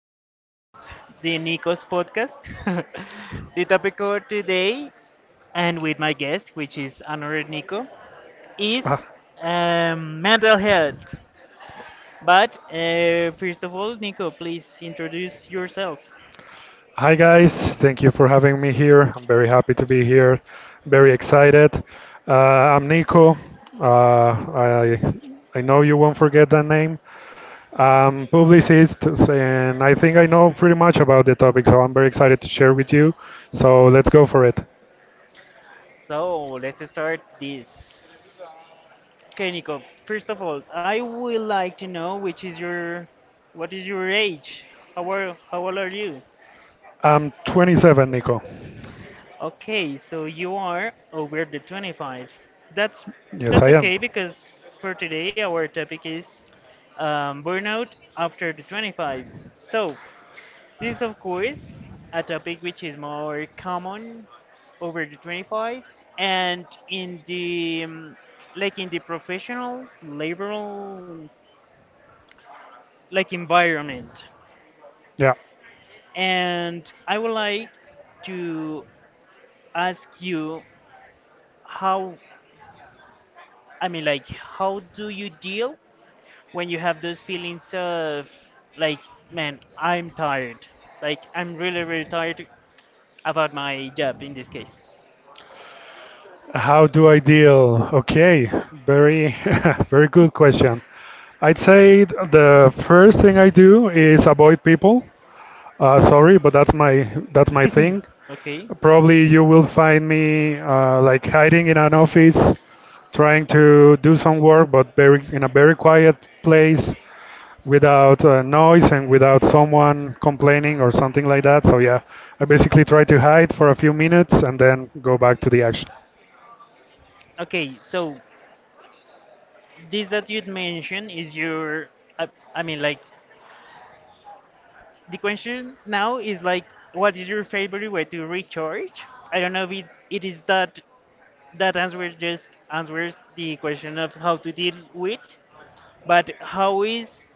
podcast, the Nikos podcast. The topic of today, and with my guest, which is another Nico, Uh, is mental health. But first of all, Nico, please introduce yourself. Hi guys, thank you for having me here. I'm very happy to be here, very excited. Uh, I'm Nico. Uh, I I know you won't forget that name. I'm publicist, and I think I know pretty much about the topic, so I'm very excited to share with you. So let's go for it. So let's start this. Okay, Nico. First of all, I would like to know which is your, what is your age? How old are you? I'm 27, Nico. Okay, so you are over the 25. That's Yes, that's I am. okay because for today our topic is burnout after the 25s. So this is of course a topic which is more common over the 25s and in the like in the professional laboral like environment. Yeah. And I would like to ask you how I mean, like, how do you deal when you have those feelings of, like, man, I'm tired. Like, I'm really, really tired about my job in this case. How do I deal? Okay, very, very good question. I'd say the first thing I do is avoid people. Sorry, but that's my thing. Okay. Probably you will find me like hiding in an office, trying to do some work, but very in a very quiet place without noise and without someone complaining or something like that. So yeah, I basically try to hide for a few minutes and then go back to the action. Okay, so this that you'd mentioned is your, I, I mean, like, the question now is like, what is your favorite way to recharge? I don't know if it is that that answer just answers the question of how to deal with. But how is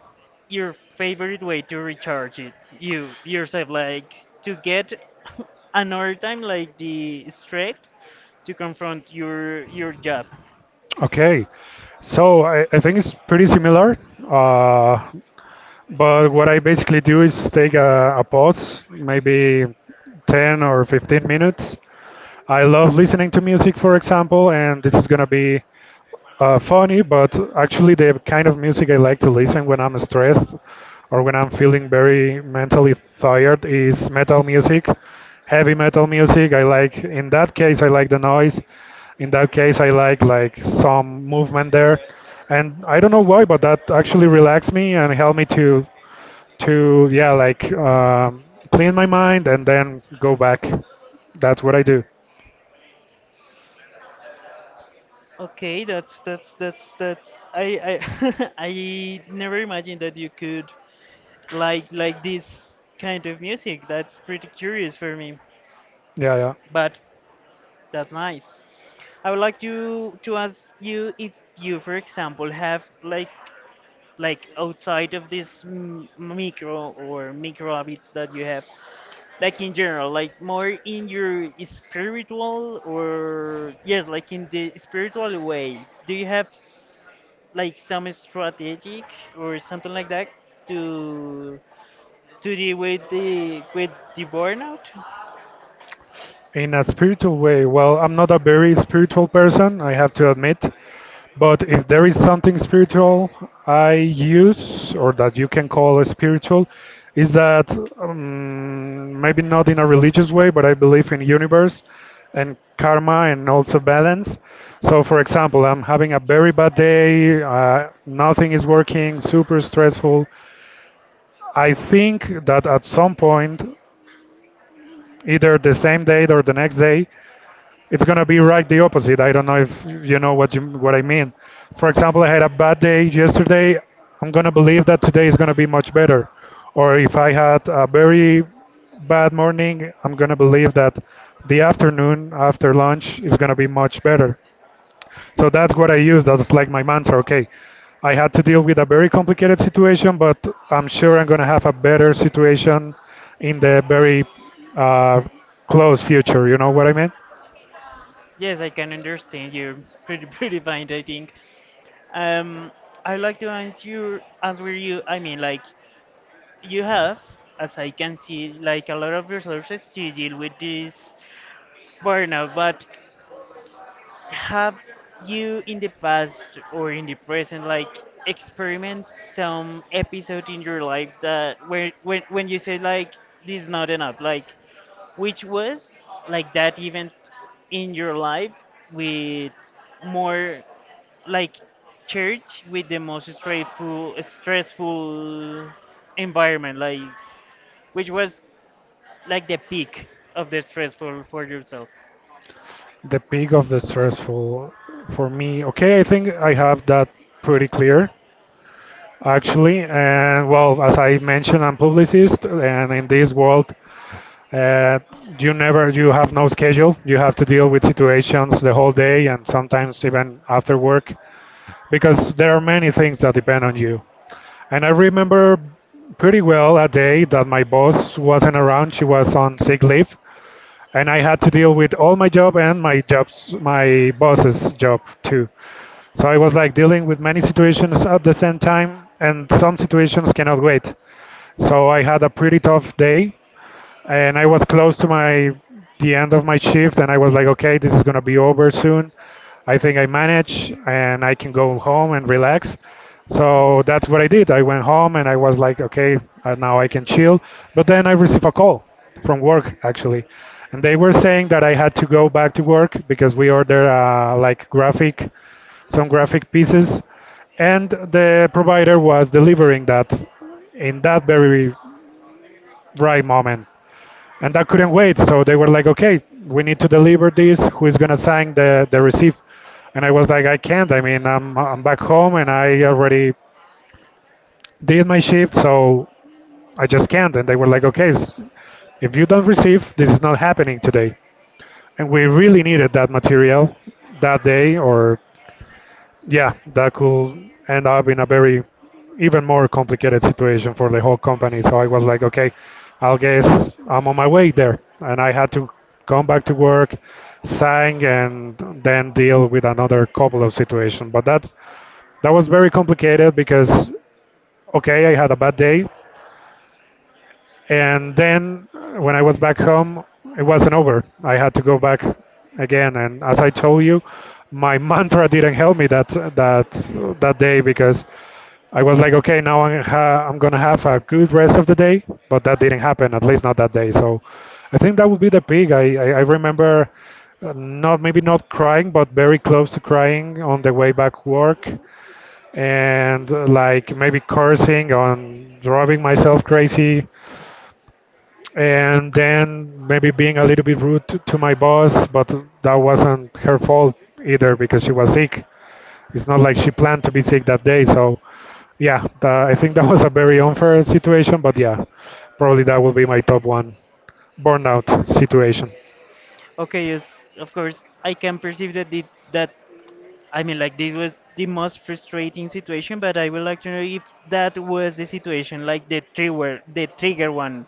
your favorite way to recharge it? You yourself, like to get another time, like the straight to confront your job. Okay, so I think it's pretty similar. Uh, but what I basically do is take a pause, maybe 10 or 15 minutes. I love listening to music, for example, and this is gonna be funny, but actually, the kind of music I like to listen when I'm stressed or when I'm feeling very mentally tired is metal music, heavy metal music. I like, in that case, I like the noise. In that case, I like some movement there, and I don't know why, but that actually relaxed me and helped me to yeah like clean my mind and then go back. That's what I do. Okay, that's I I never imagined that you could like this kind of music. That's pretty curious for me, Yeah, yeah. but that's nice. I would like to ask you if you, for example, have like outside of this micro or micro habits that you have like in general, like more in your spiritual or yes, like in the spiritual way, do you have like some strategic or something like that to to deal with the burnout? In a spiritual way, well, I'm not a very spiritual person, I have to admit, but if there is something spiritual I use or that you can call spiritual, is that maybe not in a religious way, but I believe in universe and karma and also balance. So, for example, I'm having a very bad day, nothing is working, super stressful. I think that at some point, either the same day or the next day, it's gonna be right the opposite. I don't know if what I mean. For example, I had a bad day yesterday. I'm gonna believe that today is gonna be much better. Or if I had a very bad morning, I'm gonna believe that the afternoon after lunch is gonna be much better. So that's what I use. That's like my mantra. Okay, I had to deal with a very complicated situation, but I'm sure I'm gonna have a better situation in the very uh, close future. You know what I mean? Yes, I can understand you're pretty pretty fine, I think. um I'd like to answer you, I mean, like, you have, as I can see, like a lot of resources to deal with this burnout, but have you in the past or in the present like experienced some episode in your life that where when you say like this is not enough, like which was like that event in your life with more like church with the most stressful stressful environment, like which was like the peak of the stressful for yourself. The peak of the stressful for me, okay, I think I have that pretty clear actually. And well, as I mentioned, I'm publicist, and in this world, uh, you have no schedule. You have to deal with situations the whole day, and sometimes even after work, because there are many things that depend on you. And I remember pretty well a day that my boss wasn't around; she was on sick leave, and I had to deal with all my jobs, my boss's job too. So I was like dealing with many situations at the same time, and some situations cannot wait. So I had a pretty tough day, and I was close to my the end of my shift, and I was like, okay, this is gonna be over soon. I think I manage, and I can go home and relax. Mhm. So that's what I did. I went home, and I was like, okay, now I can chill. But then I received a call from work actually, and they were saying that I had to go back to work because we ordered like graphic some graphic pieces, and the provider was delivering that in that very right moment and that couldn't wait. So they were like, okay, we need to deliver this. Who is gonna sign the receipt? And I was like, I can't. I mean, I'm back home and I already did my shift, so I just can't. And they were like, okay, if you don't receive, this is not happening today. And we really needed that material that day or yeah, that could end up in a very even more complicated situation for the whole company. So I was like, okay, I'll guess I'm on my way there. And I had to come back to work, sign, and then deal with another couple of situations. But that was very complicated because okay, I had a bad day, and then when I was back home, it wasn't over. I had to go back again, and as I told you, my mantra didn't help me that day because I was like, okay, now I'm gonna have a good rest of the day, but that didn't happen, at least not that day. So I think that would be the peak. I remember not maybe not crying, but very close to crying on the way back work, and like maybe cursing on driving myself crazy, and then maybe being a little bit rude to my boss, but that wasn't her fault either because she was sick. It's not like she planned to be sick that day, so yeah, I think that was a very unfair situation, but yeah, probably that will be my top one burnout situation. Okay, yes, of course. I can perceive that the, that I mean, like this was the most frustrating situation, but I would like to know if that was the situation, like the trigger one.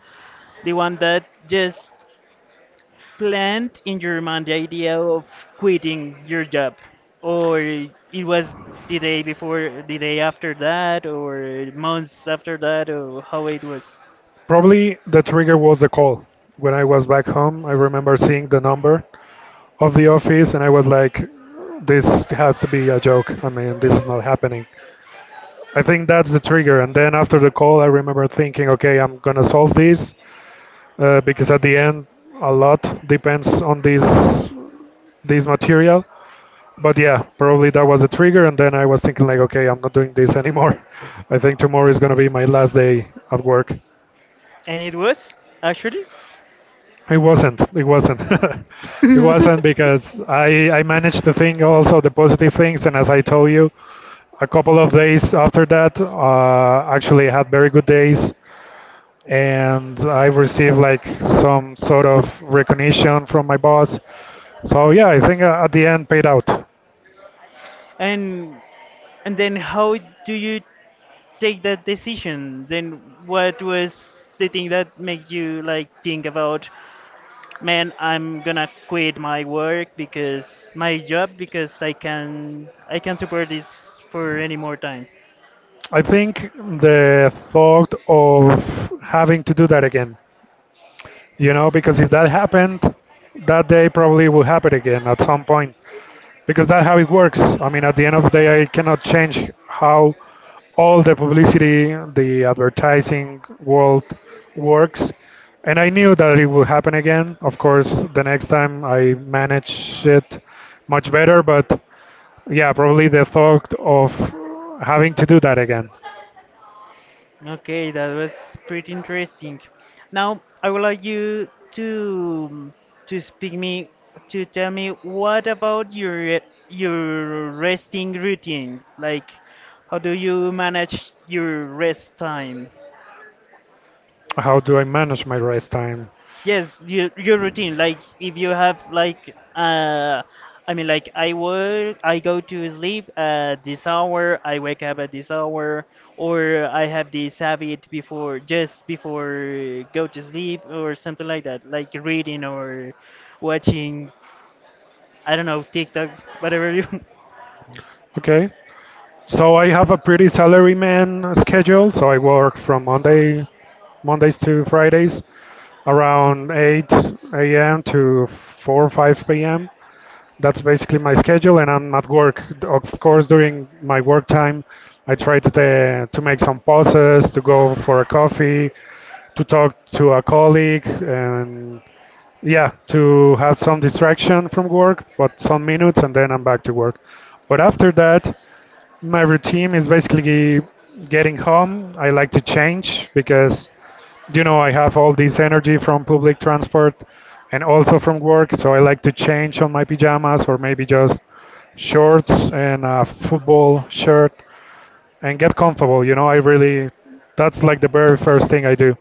The one that just plant in your mind the idea of quitting your job. Or it was the day before the day after that or months after that or how it was. Probably the trigger was the call. When I was back home, I remember seeing the number of the office and I was like, this has to be a joke. I mean, this is not happening. I think that's the trigger. And then after the call, I remember thinking, okay, I'm going to solve this because at the end, a lot depends on this material. But yeah, probably that was a trigger. And then I was thinking like, okay, I'm not doing this anymore. I think tomorrow is gonna be my last day at work. And it was, actually? It wasn't. It wasn't. It wasn't because I managed to think also the positive things. And as I told you, a couple of days after that, actually had very good days. And I received like some sort of recognition from my boss. So yeah, I think at the end paid out. and and then how do you take that decision? Then what was the thing that makes you like think about, man, I'm gonna quit my work because my job because I can I can't support this for any more time. I think the thought of having to do that again, you know, because if that happened, that day probably will happen again at some point, because that's how it works. I mean, at the end of the day, I cannot change how all the publicity, the advertising world works. And I knew that it would happen again. Of course, the next time I managed it much better, but yeah, probably the thought of having to do that again. Okay, that was pretty interesting. Now, I would like you to speak me to tell me what about your resting routine? Like, how do you manage your rest time? How do I manage my rest time? Yes, your routine. Like if you have like I mean like I work, I go to sleep at this hour, I wake up at this hour, or I have this habit before just before go to sleep or something like that, like reading or watching. I don't know, TikTok, whatever you Okay. So I have a pretty salaryman schedule. So I work from Mondays to Fridays around 8 a.m. to 4 or 5 p.m. That's basically my schedule, and I'm at work. Of course, during my work time, I try to make some pauses, to go for a coffee, to talk to a colleague, and yeah, to have some distraction from work, but some minutes, and then I'm back to work. But after that, my routine is basically getting home. I like to change because, you know, I have all this energy from public transport and also from work, so I like to change on my pajamas or maybe just shorts and a football shirt and get comfortable. You know, that's like the very first thing I do.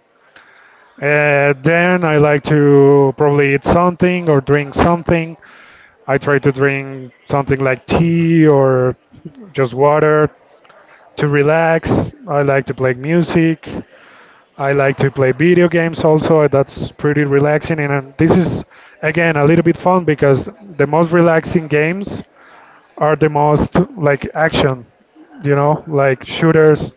Then I like to probably eat something or drink something. I try to drink something like tea or just water to relax. I like to play music. I like to play video games also. That's pretty relaxing. And this is, again, a little bit fun because the most relaxing games are the most like action, you know, like shooters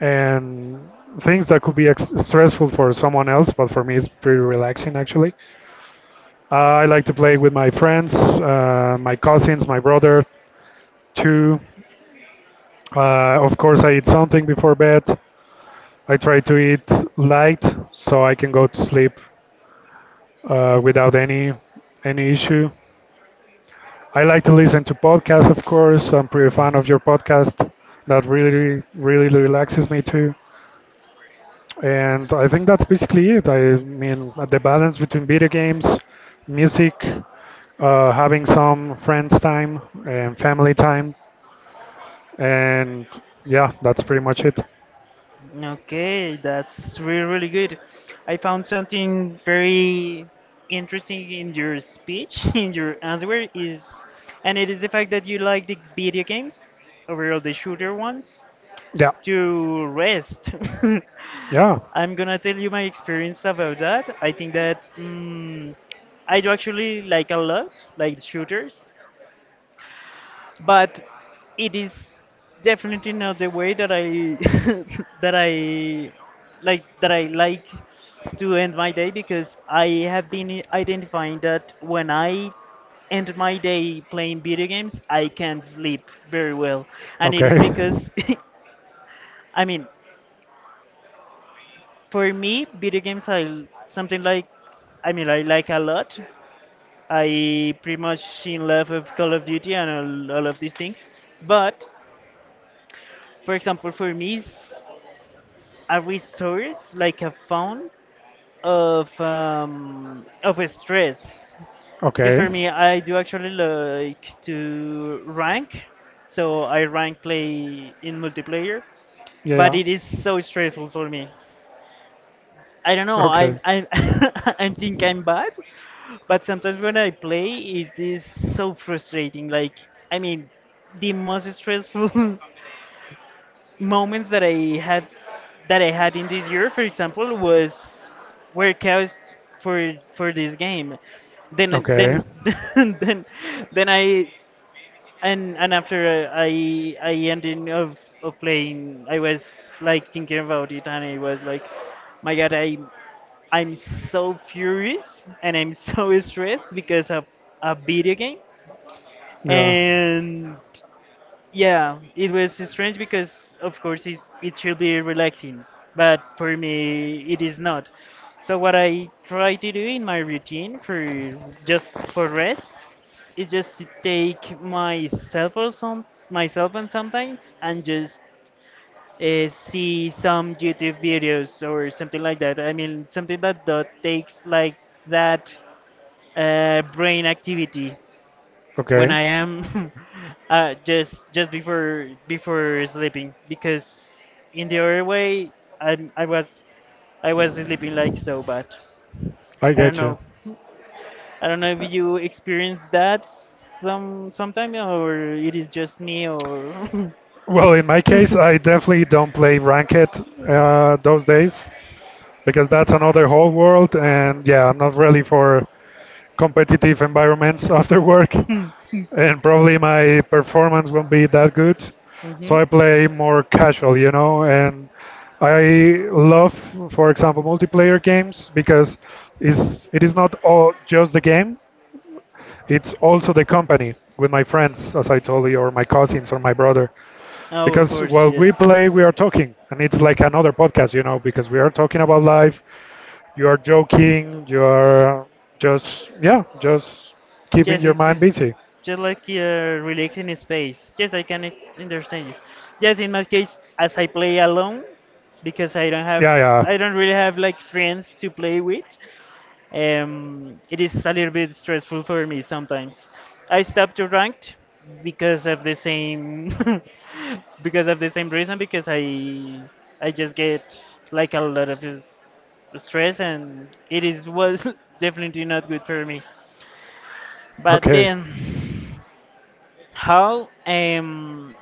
and things that could be stressful for someone else. But for me, it's pretty relaxing actually. I like to play with my friends, my cousins, my brother. Two, of course, I eat something before bed. I try to eat light so I can go to sleep without any issue. I like to listen to podcasts, of course. I'm pretty fan of your podcast. That really, really relaxes me too. And I think that's basically it. I mean, the balance between video games, music, having some friends time and family time, and yeah, that's pretty much it. Okay, that's really, really good. I found something very interesting in your speech, in your answer is, and it is the fact that you like the video games, overall the shooter ones, Yeah, to rest. yeah. I'm gonna tell you my experience about that. I think that I do actually like a lot, like shooters, but it is definitely not the way that I that I that I like to end my day because I have been identifying that when I end my day playing video games, I can't sleep very well, and it Okay. is because I mean, for me, video games are something like I mean I like a lot. I pretty much in love of Call of Duty and all of these things, but for example, for me, a resource like a phone of stress because Okay. for me I do actually like to rank, so I rank play in multiplayer, Yeah, but yeah. it is so stressful for me. I don't know, Okay. I I think I'm bad, but sometimes when I play, it is so frustrating like I mean the most stressful moments that I had in this year, for example, was were caused for this game. Okay. Then then then I and after I ended of playing, I was like thinking about it, and I was like, my God, I'm so furious and I'm so stressed because of a video game, Yeah. and yeah, it was strange because, of course, it should be relaxing, but for me, it is not. So, what I try to do in my routine for just for rest is just to take myself or some my cell phone sometimes and just see some YouTube videos or something like that. I mean, something that, that takes like that brain activity when Okay. I am just just before sleeping because in the other way I I was I was sleeping like so bad. I I don't get you. know. I don't know if you experience that some sometime or it is just me or. Well, in my case, I definitely don't play ranked those days because that's another whole world, and yeah, I'm not really for competitive environments after work. And probably my performance won't be that good. So Hmm. I play more casual, and I love, for example, multiplayer games because it is not all just the game. It's also the company with my friends, as I told you, or my cousins or my brother. Oh, of Because course, while yes. we play, we are talking, and it's like another podcast, because we are talking about life. You are joking, you are just keeping Yes, your mind it's busy. just like relaxing space. Yes, I can understand you. Yes, in my case, as I play alone, because I don't have, Yeah, yeah, I don't really have like friends to play with. It is a little bit stressful for me sometimes. I stopped to ranked because of the same, because of the same reason. Because I just get like a lot of stress, and it is was definitely not good for me. But okay. then, how?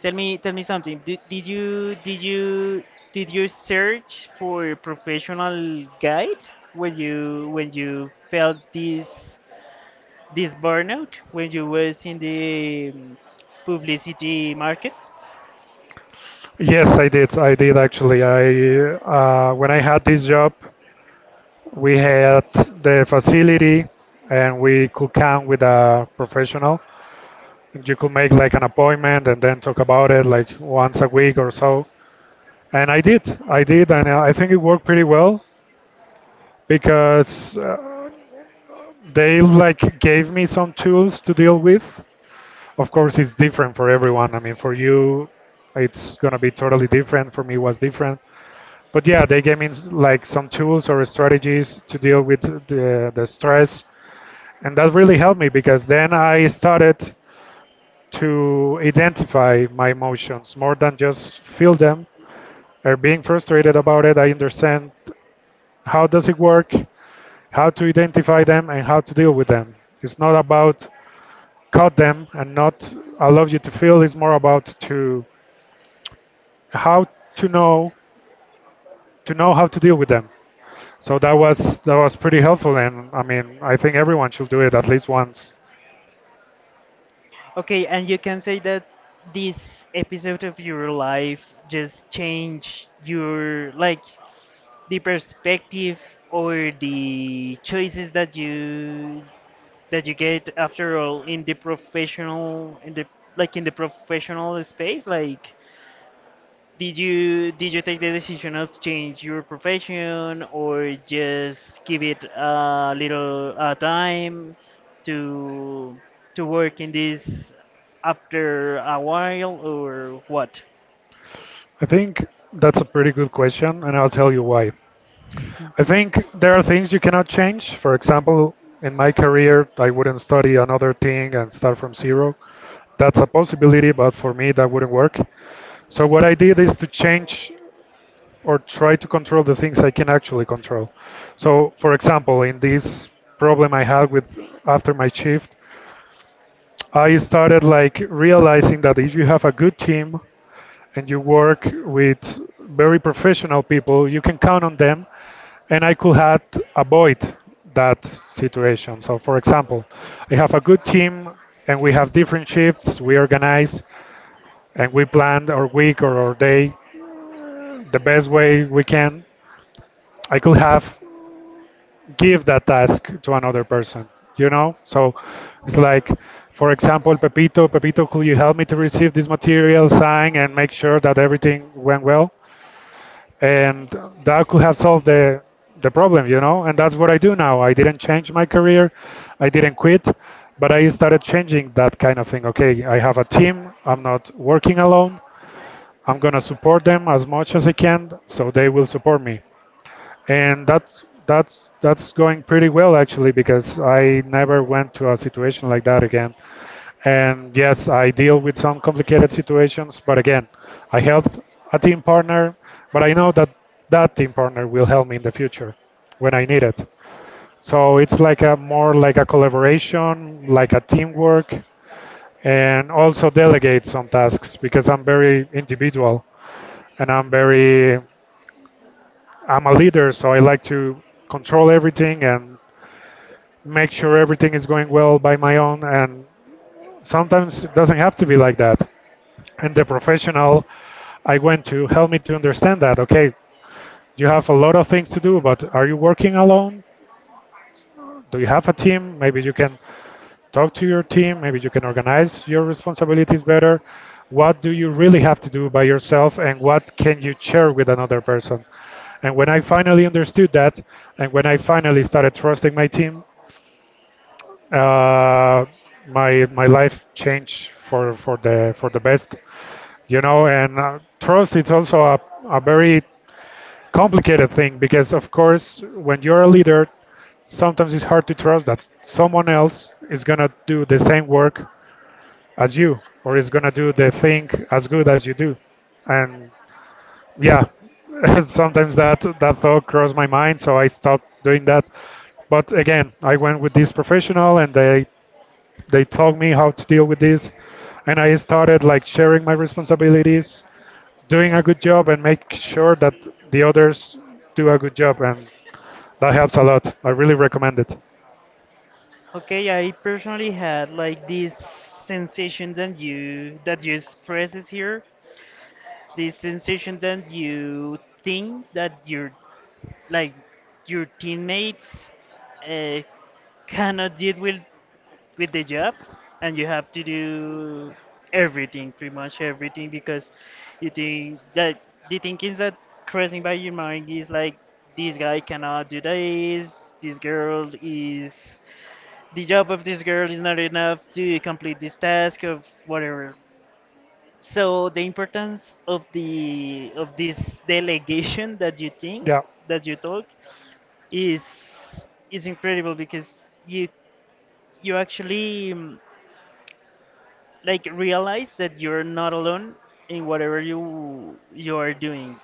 Tell me something. Did you search for a professional guide when you felt this this burnout when you was in the publicity market? Yes, I did. I did actually. I When I had this job, we had the facility, and we could come with a professional. You could make like an appointment and then talk about it like once a week or so. And I did. I did, and I think it worked pretty well because they like gave me some tools to deal with. Of course, it's different for everyone. I mean, for you, it's gonna be totally different. For me, it was different. But yeah, they gave me like some tools or strategies to deal with the stress. And that really helped me because then I started to identify my emotions more than just feel them or being frustrated about it. I understand how does it work, how to identify them and how to deal with them. It's not about cut them and not allow you to feel. It's more about to how to know to know how to deal with them. So that was pretty helpful, and I mean, I think everyone should do it at least once. Okay, and you can say that this episode of your life just changed your like the perspective or the choices that you get after all in the professional in the like in the professional space like did you take the decision of change your profession or just give it a little time to to work in this after a while or what? I think that's a pretty good question, and I'll tell you why. I think there are things you cannot change. For example, in my career, I wouldn't study another thing and start from zero. That's a possibility, but for me, that wouldn't work. So what I did is to change or try to control the things I can actually control. So, for example, in this problem I had with after my shift, I started like realizing that if you have a good team and you work with very professional people, you can count on them, and I could have avoid that situation. So, for example, I have a good team, and we have different shifts. We organize and we plan our week or our day the best way we can. I could have give that task to another person, you know. So it's like, for example, pepito, could you help me to receive this material sign and make sure that everything went well, and that could have solved the problem, you know. And that's what I do now. I didn't change my career. I didn't quit, but I started changing that kind of thing. Okay, I have a team. I'm not working alone. I'm going to support them as much as I can so they will support me. And that's going pretty well actually, because I never went to a situation like that again. And yes, I deal with some complicated situations, but again, I helped a team partner, but I know that that team partner will help me in the future when I need it. So it's like a more like a collaboration, like a teamwork, and also delegate some tasks because I'm very individual and I'm a leader, so I like to control everything and make sure everything is going well by my own, and sometimes it doesn't have to be like that. And the professional I went to helped me to understand that. Okay, you have a lot of things to do, but are you working alone? Do you have a team? Maybe you can talk to your team. Maybe you can organize your responsibilities better. What do you really have to do by yourself, and what can you share with another person? And when I finally understood that, and when I finally started trusting my team, uh, my life changed for for the best, you know. And trust is also a very complicated thing, because of course when you're a leader, sometimes it's hard to trust that someone else is going to do the same work as you or is going to do the thing as good as you do. And yeah, sometimes that thought crossed my mind, so I stopped doing that. But again, I went with this professional, and they taught me how to deal with this, and I started like sharing my responsibilities, doing a good job, and make sure that the others do a good job, and that helps a lot. I really recommend it. Okay, I personally had like this sensation that you expresses here, this sensation that you think that your like your teammates uh, cannot deal with the job, and you have to do everything, pretty much everything, because you think that the thinking that crossing by your mind is like this guy cannot do this, this girl is the job of this girl is not enough to complete this task of whatever. So the importance of the of this delegation that you think Yeah, that you talk is incredible because you actually like realize that you're not alone in whatever you you are doing.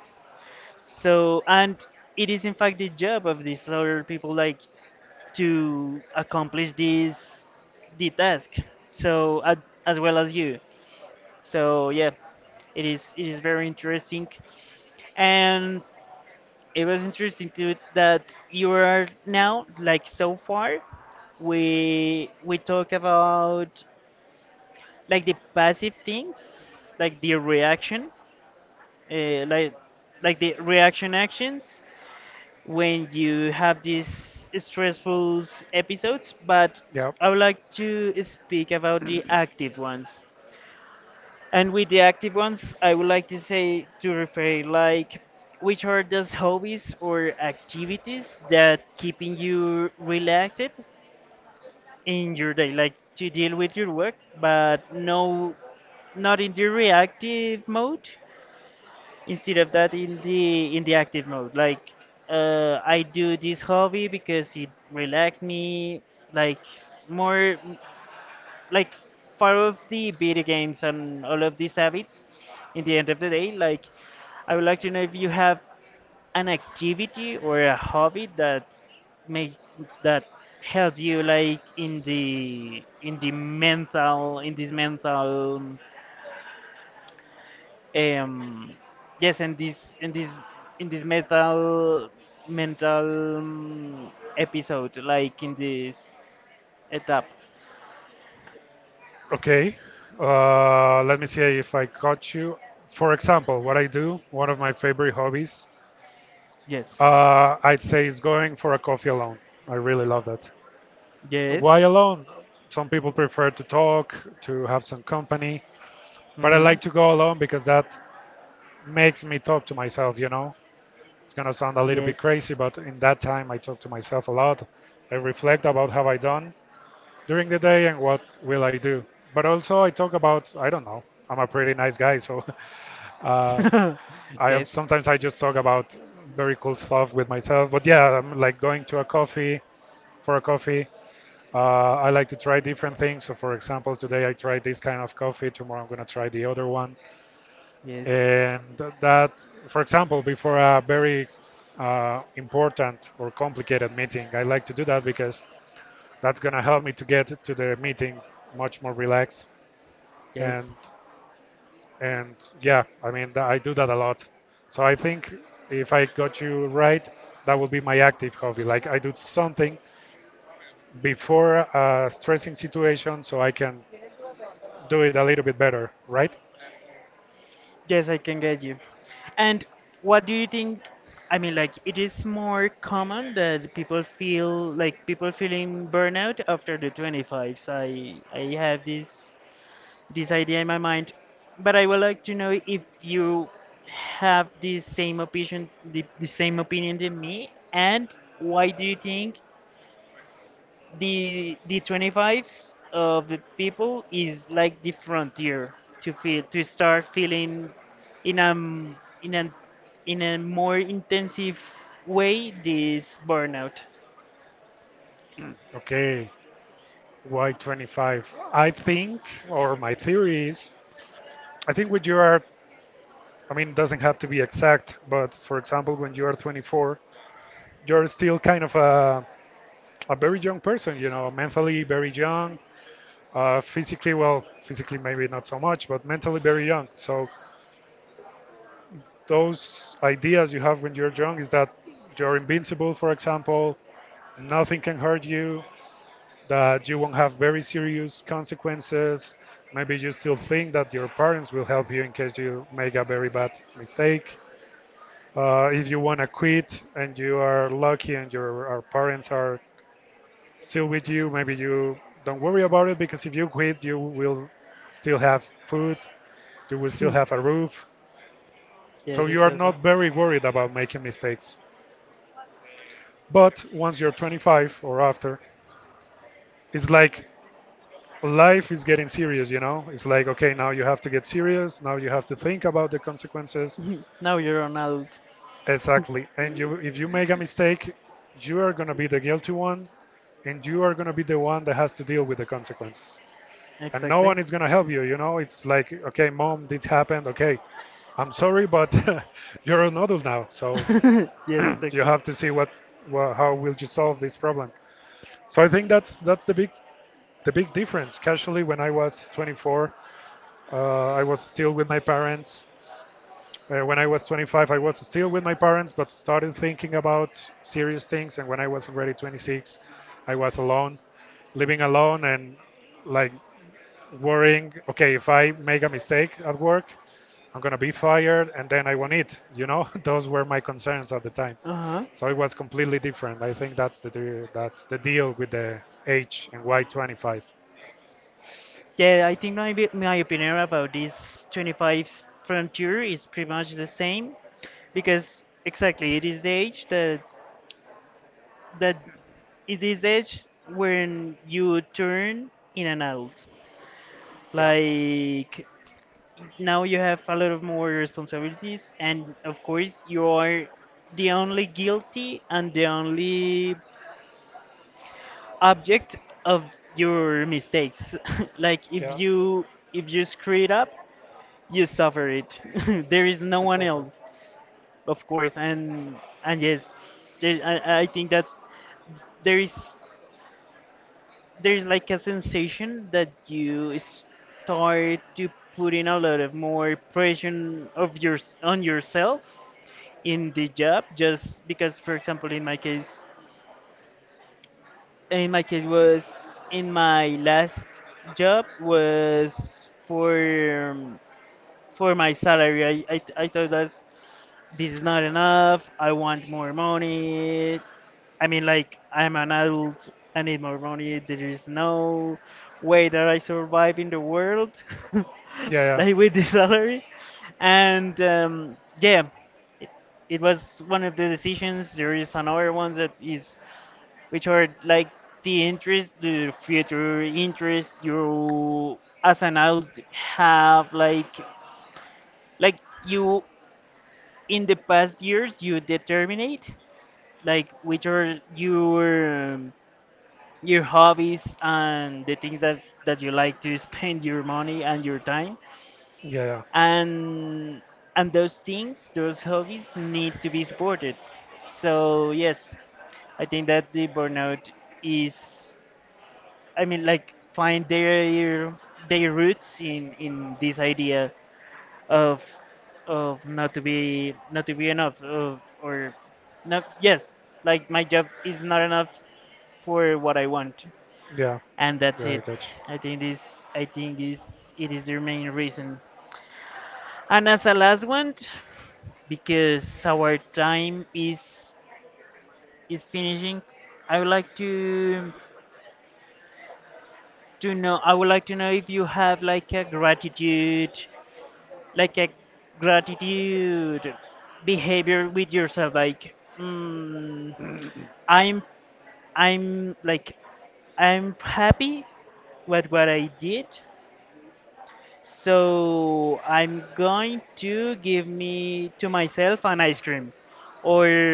So and it is in fact the job of these other people like to accomplish this the task. So as well as you. So yeah, it is very interesting, and it was interesting too that you are now like so far we talk about like the passive things, like the reaction, uh, like like the reaction actions when you have these stressful episodes, but yeah, I would like to speak about the active ones. And with the active ones, I would like to say to refer like which are those hobbies or activities that keeping you relaxed in your day, like to deal with your work, but no, not in the reactive mode. Instead of that, in the active mode, like I do this hobby because it relaxes me, like more like far of the video games and all of these habits in the end of the day, like I would like to know if you have an activity or a hobby that makes that help you like in the mental in this mental um yes in this in this in this mental mental episode like in this etap. okay. Let me see if I caught you. For example, what I do, one of my favorite hobbies, Yes. I'd say is going for a coffee alone. I really love that. Yes. Why alone? Some people prefer to talk, to have some company, but I Hmm. like to go alone because that makes me talk to myself, you know. It's gonna sound a little bit Yes. crazy, but in that time I talk to myself a lot. I reflect about how I done during the day and what will I do. But also I talk about I don't know. I'm a pretty nice guy, so uh, I have, Yes, sometimes I just talk about very cool stuff with myself. But yeah, I'm like going to a coffee for a coffee. I like to try different things. So, for example, today I tried this kind of coffee. Tomorrow I'm gonna try the other one, yes, and that, for example, before a very important or complicated meeting, I like to do that because that's gonna help me to get to the meeting much more relaxed. yes, And and yeah, I mean I do that a lot. So I think if I got you right, that would be my active hobby. Like I do something before a stressing situation so I can do it a little bit better, right? yes, I can get you. And what do you think? I mean, like, it is more common that people feel like people feeling burnout after the 25s. I have this idea in my mind, but I would like to know if you have the same opinion the same opinion than me, and why do you think the 25s of the people is like the frontier to start feeling in a m- in a in a more intensive way this burnout. Okay, why 25? I think, or my theory is I think when you are, I mean, it doesn't have to be exact, but for example, when you are 24, you're still kind of a very young person, you know, mentally very young, physically, well, physically maybe not so much, but mentally very young. So those ideas you have when you're young is that you're invincible, for example, nothing can hurt you, that you won't have very serious consequences. Maybe you still think that your parents will help you in case you make a very bad mistake. If you want to quit and you are lucky and your our parents are still with you, maybe you don't worry about it, because if you quit, you will still have food, you will still have a roof. So Yes, you are exactly. not very worried about making mistakes. But once you're 25 or after, it's like life is getting serious, you know? It's like, okay, now you have to get serious. Now you have to think about the consequences. Now you're an adult. Exactly. And you, if you make a mistake, you are going to be the guilty one, and you are going to be the one that has to deal with the consequences. And no Exactly. one is going to help you. You know, it's like, okay, mom, this happened. Okay, I'm sorry, but you're an adult now, so Yes, you exactly. have to see what, wha how will you solve this problem. So I think that's the big difference. Casually, when I was 24, I was still with my parents. When I was 25, I was still with my parents, but started thinking about serious things. And when I was already 26, I was alone, living alone, and like worrying, okay, if I make a mistake at work, I'm going to be fired and then I won't eat. You know, those were my concerns at the time. Uh-huh. So it was completely different. I think that's that's the deal with the H and Y25. Yeah, I think my opinion about this 25's frontier is pretty much the same because exactly it is the age that it is age when you turn in an adult. Yeah, Like now you have a lot of more responsibilities, and of course you are the only guilty and the only object of your mistakes. Like yeah, if you screw it up, you suffer it. There is no one exactly. else, of course, and yes, I think that there is there's like a sensation that you start to put in a lot of more pressure of your on yourself in the job just because for example in my case was in my last job was for my salary I thought that's this is not enough. I want more money. I mean, like, I'm an adult. I need more money. There is no way that I survive in the world, Yeah, like yeah, with this salary. And yeah, it, it was one of the decisions. There is another one that is, which are like the future interest you as an adult have, like you in the past years you determined like which are your hobbies and the things that you like to spend your money and your time yeah, yeah, and those hobbies need to be supported. So yes, I think that the burnout is, I mean, like find their roots in this idea of not to be enough of, or not, yes, like my job is not enough for what I want. yeah. And that's Yeah, I it. get you. i think this I think is, it is the main reason. And as a last one, because our time is finishing, i would like to I would like to know if you have like a gratitude behavior with yourself, like I'm i'm like I'm happy with what I did, so I'm going to give me to myself an ice cream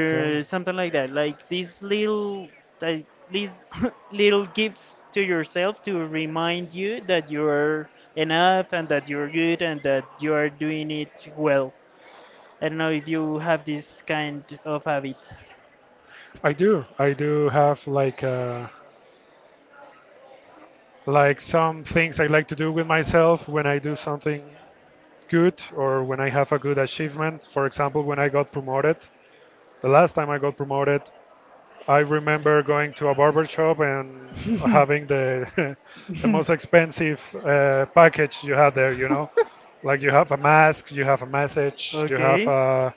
Okay. something like that, like these little like, these little gifts to yourself to remind you that you're enough and that you're good and that you are doing it well. I don't know if you have this kind of habit. I do. I do have like some things I like to do with myself when I do something good or when I have a good achievement. For example, when I got promoted, the last time I got promoted, I remember going to a barber shop and having the the most expensive package you have there. You know, like you have a mask, you have a message, you have Okay, a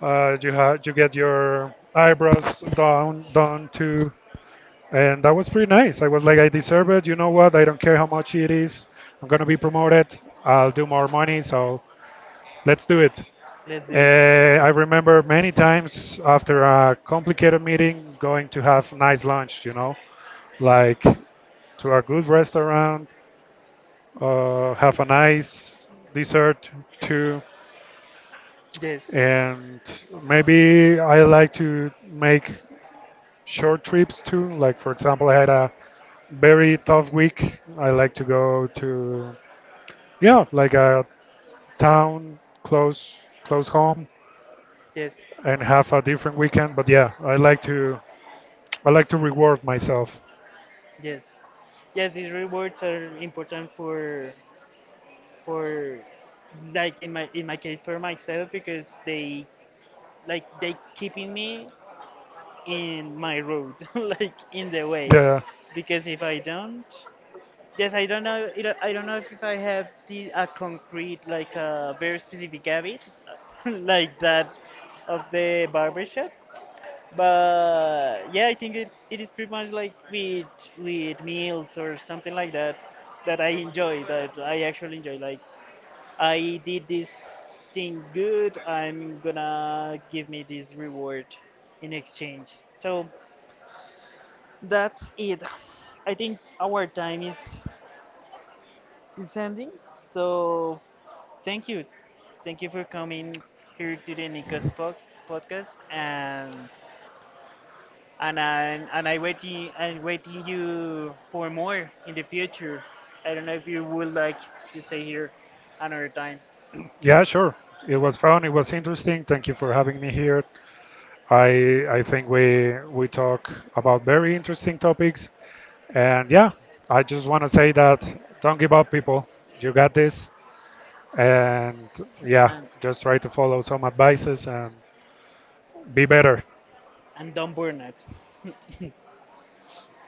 you have you get your eyebrows done too, and that was pretty nice. I was like, I deserve it. You know what? I don't care how much it is. I'm gonna be promoted. I'll do more money, so let's do it. let's do it. Uh, I remember many times after a complicated meeting going to have nice lunch, you know, like to a good restaurant, have a nice dessert too, Yes, and maybe I like to make short trips too. Like for example, I had a very tough week. I like to go to yeah, like a town close close home yes, and have a different weekend. But yeah, I like to reward myself. yes, yes. These rewards are important for like in my case for myself because they like they keeping me in my road like in the way Yeah, because if I don't, yes, I don't know I don't know if I have a concrete like a very specific habit like that of the barbershop. But yeah, I think it is pretty much like with meals or something like that that I enjoy that I actually enjoy. Like I did this thing good, I'm gonna give me this reward in exchange. So that's it. I think our time is ending. So thank you, thank you for coming here to the Nikos podcast, and and I waiting I'm waiting you for more in the future. I don't know if you would like to stay here another time yeah, sure. It was fun. It was interesting. Thank you for having me here. I think we talk about very interesting topics. And yeah, I just want to say that don't give up, people. You got this. And yeah, and just try to follow some advices and be better. Don't burn out.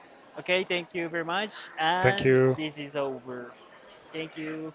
Okay, thank you very much, Thank and you. this is over. Thank you.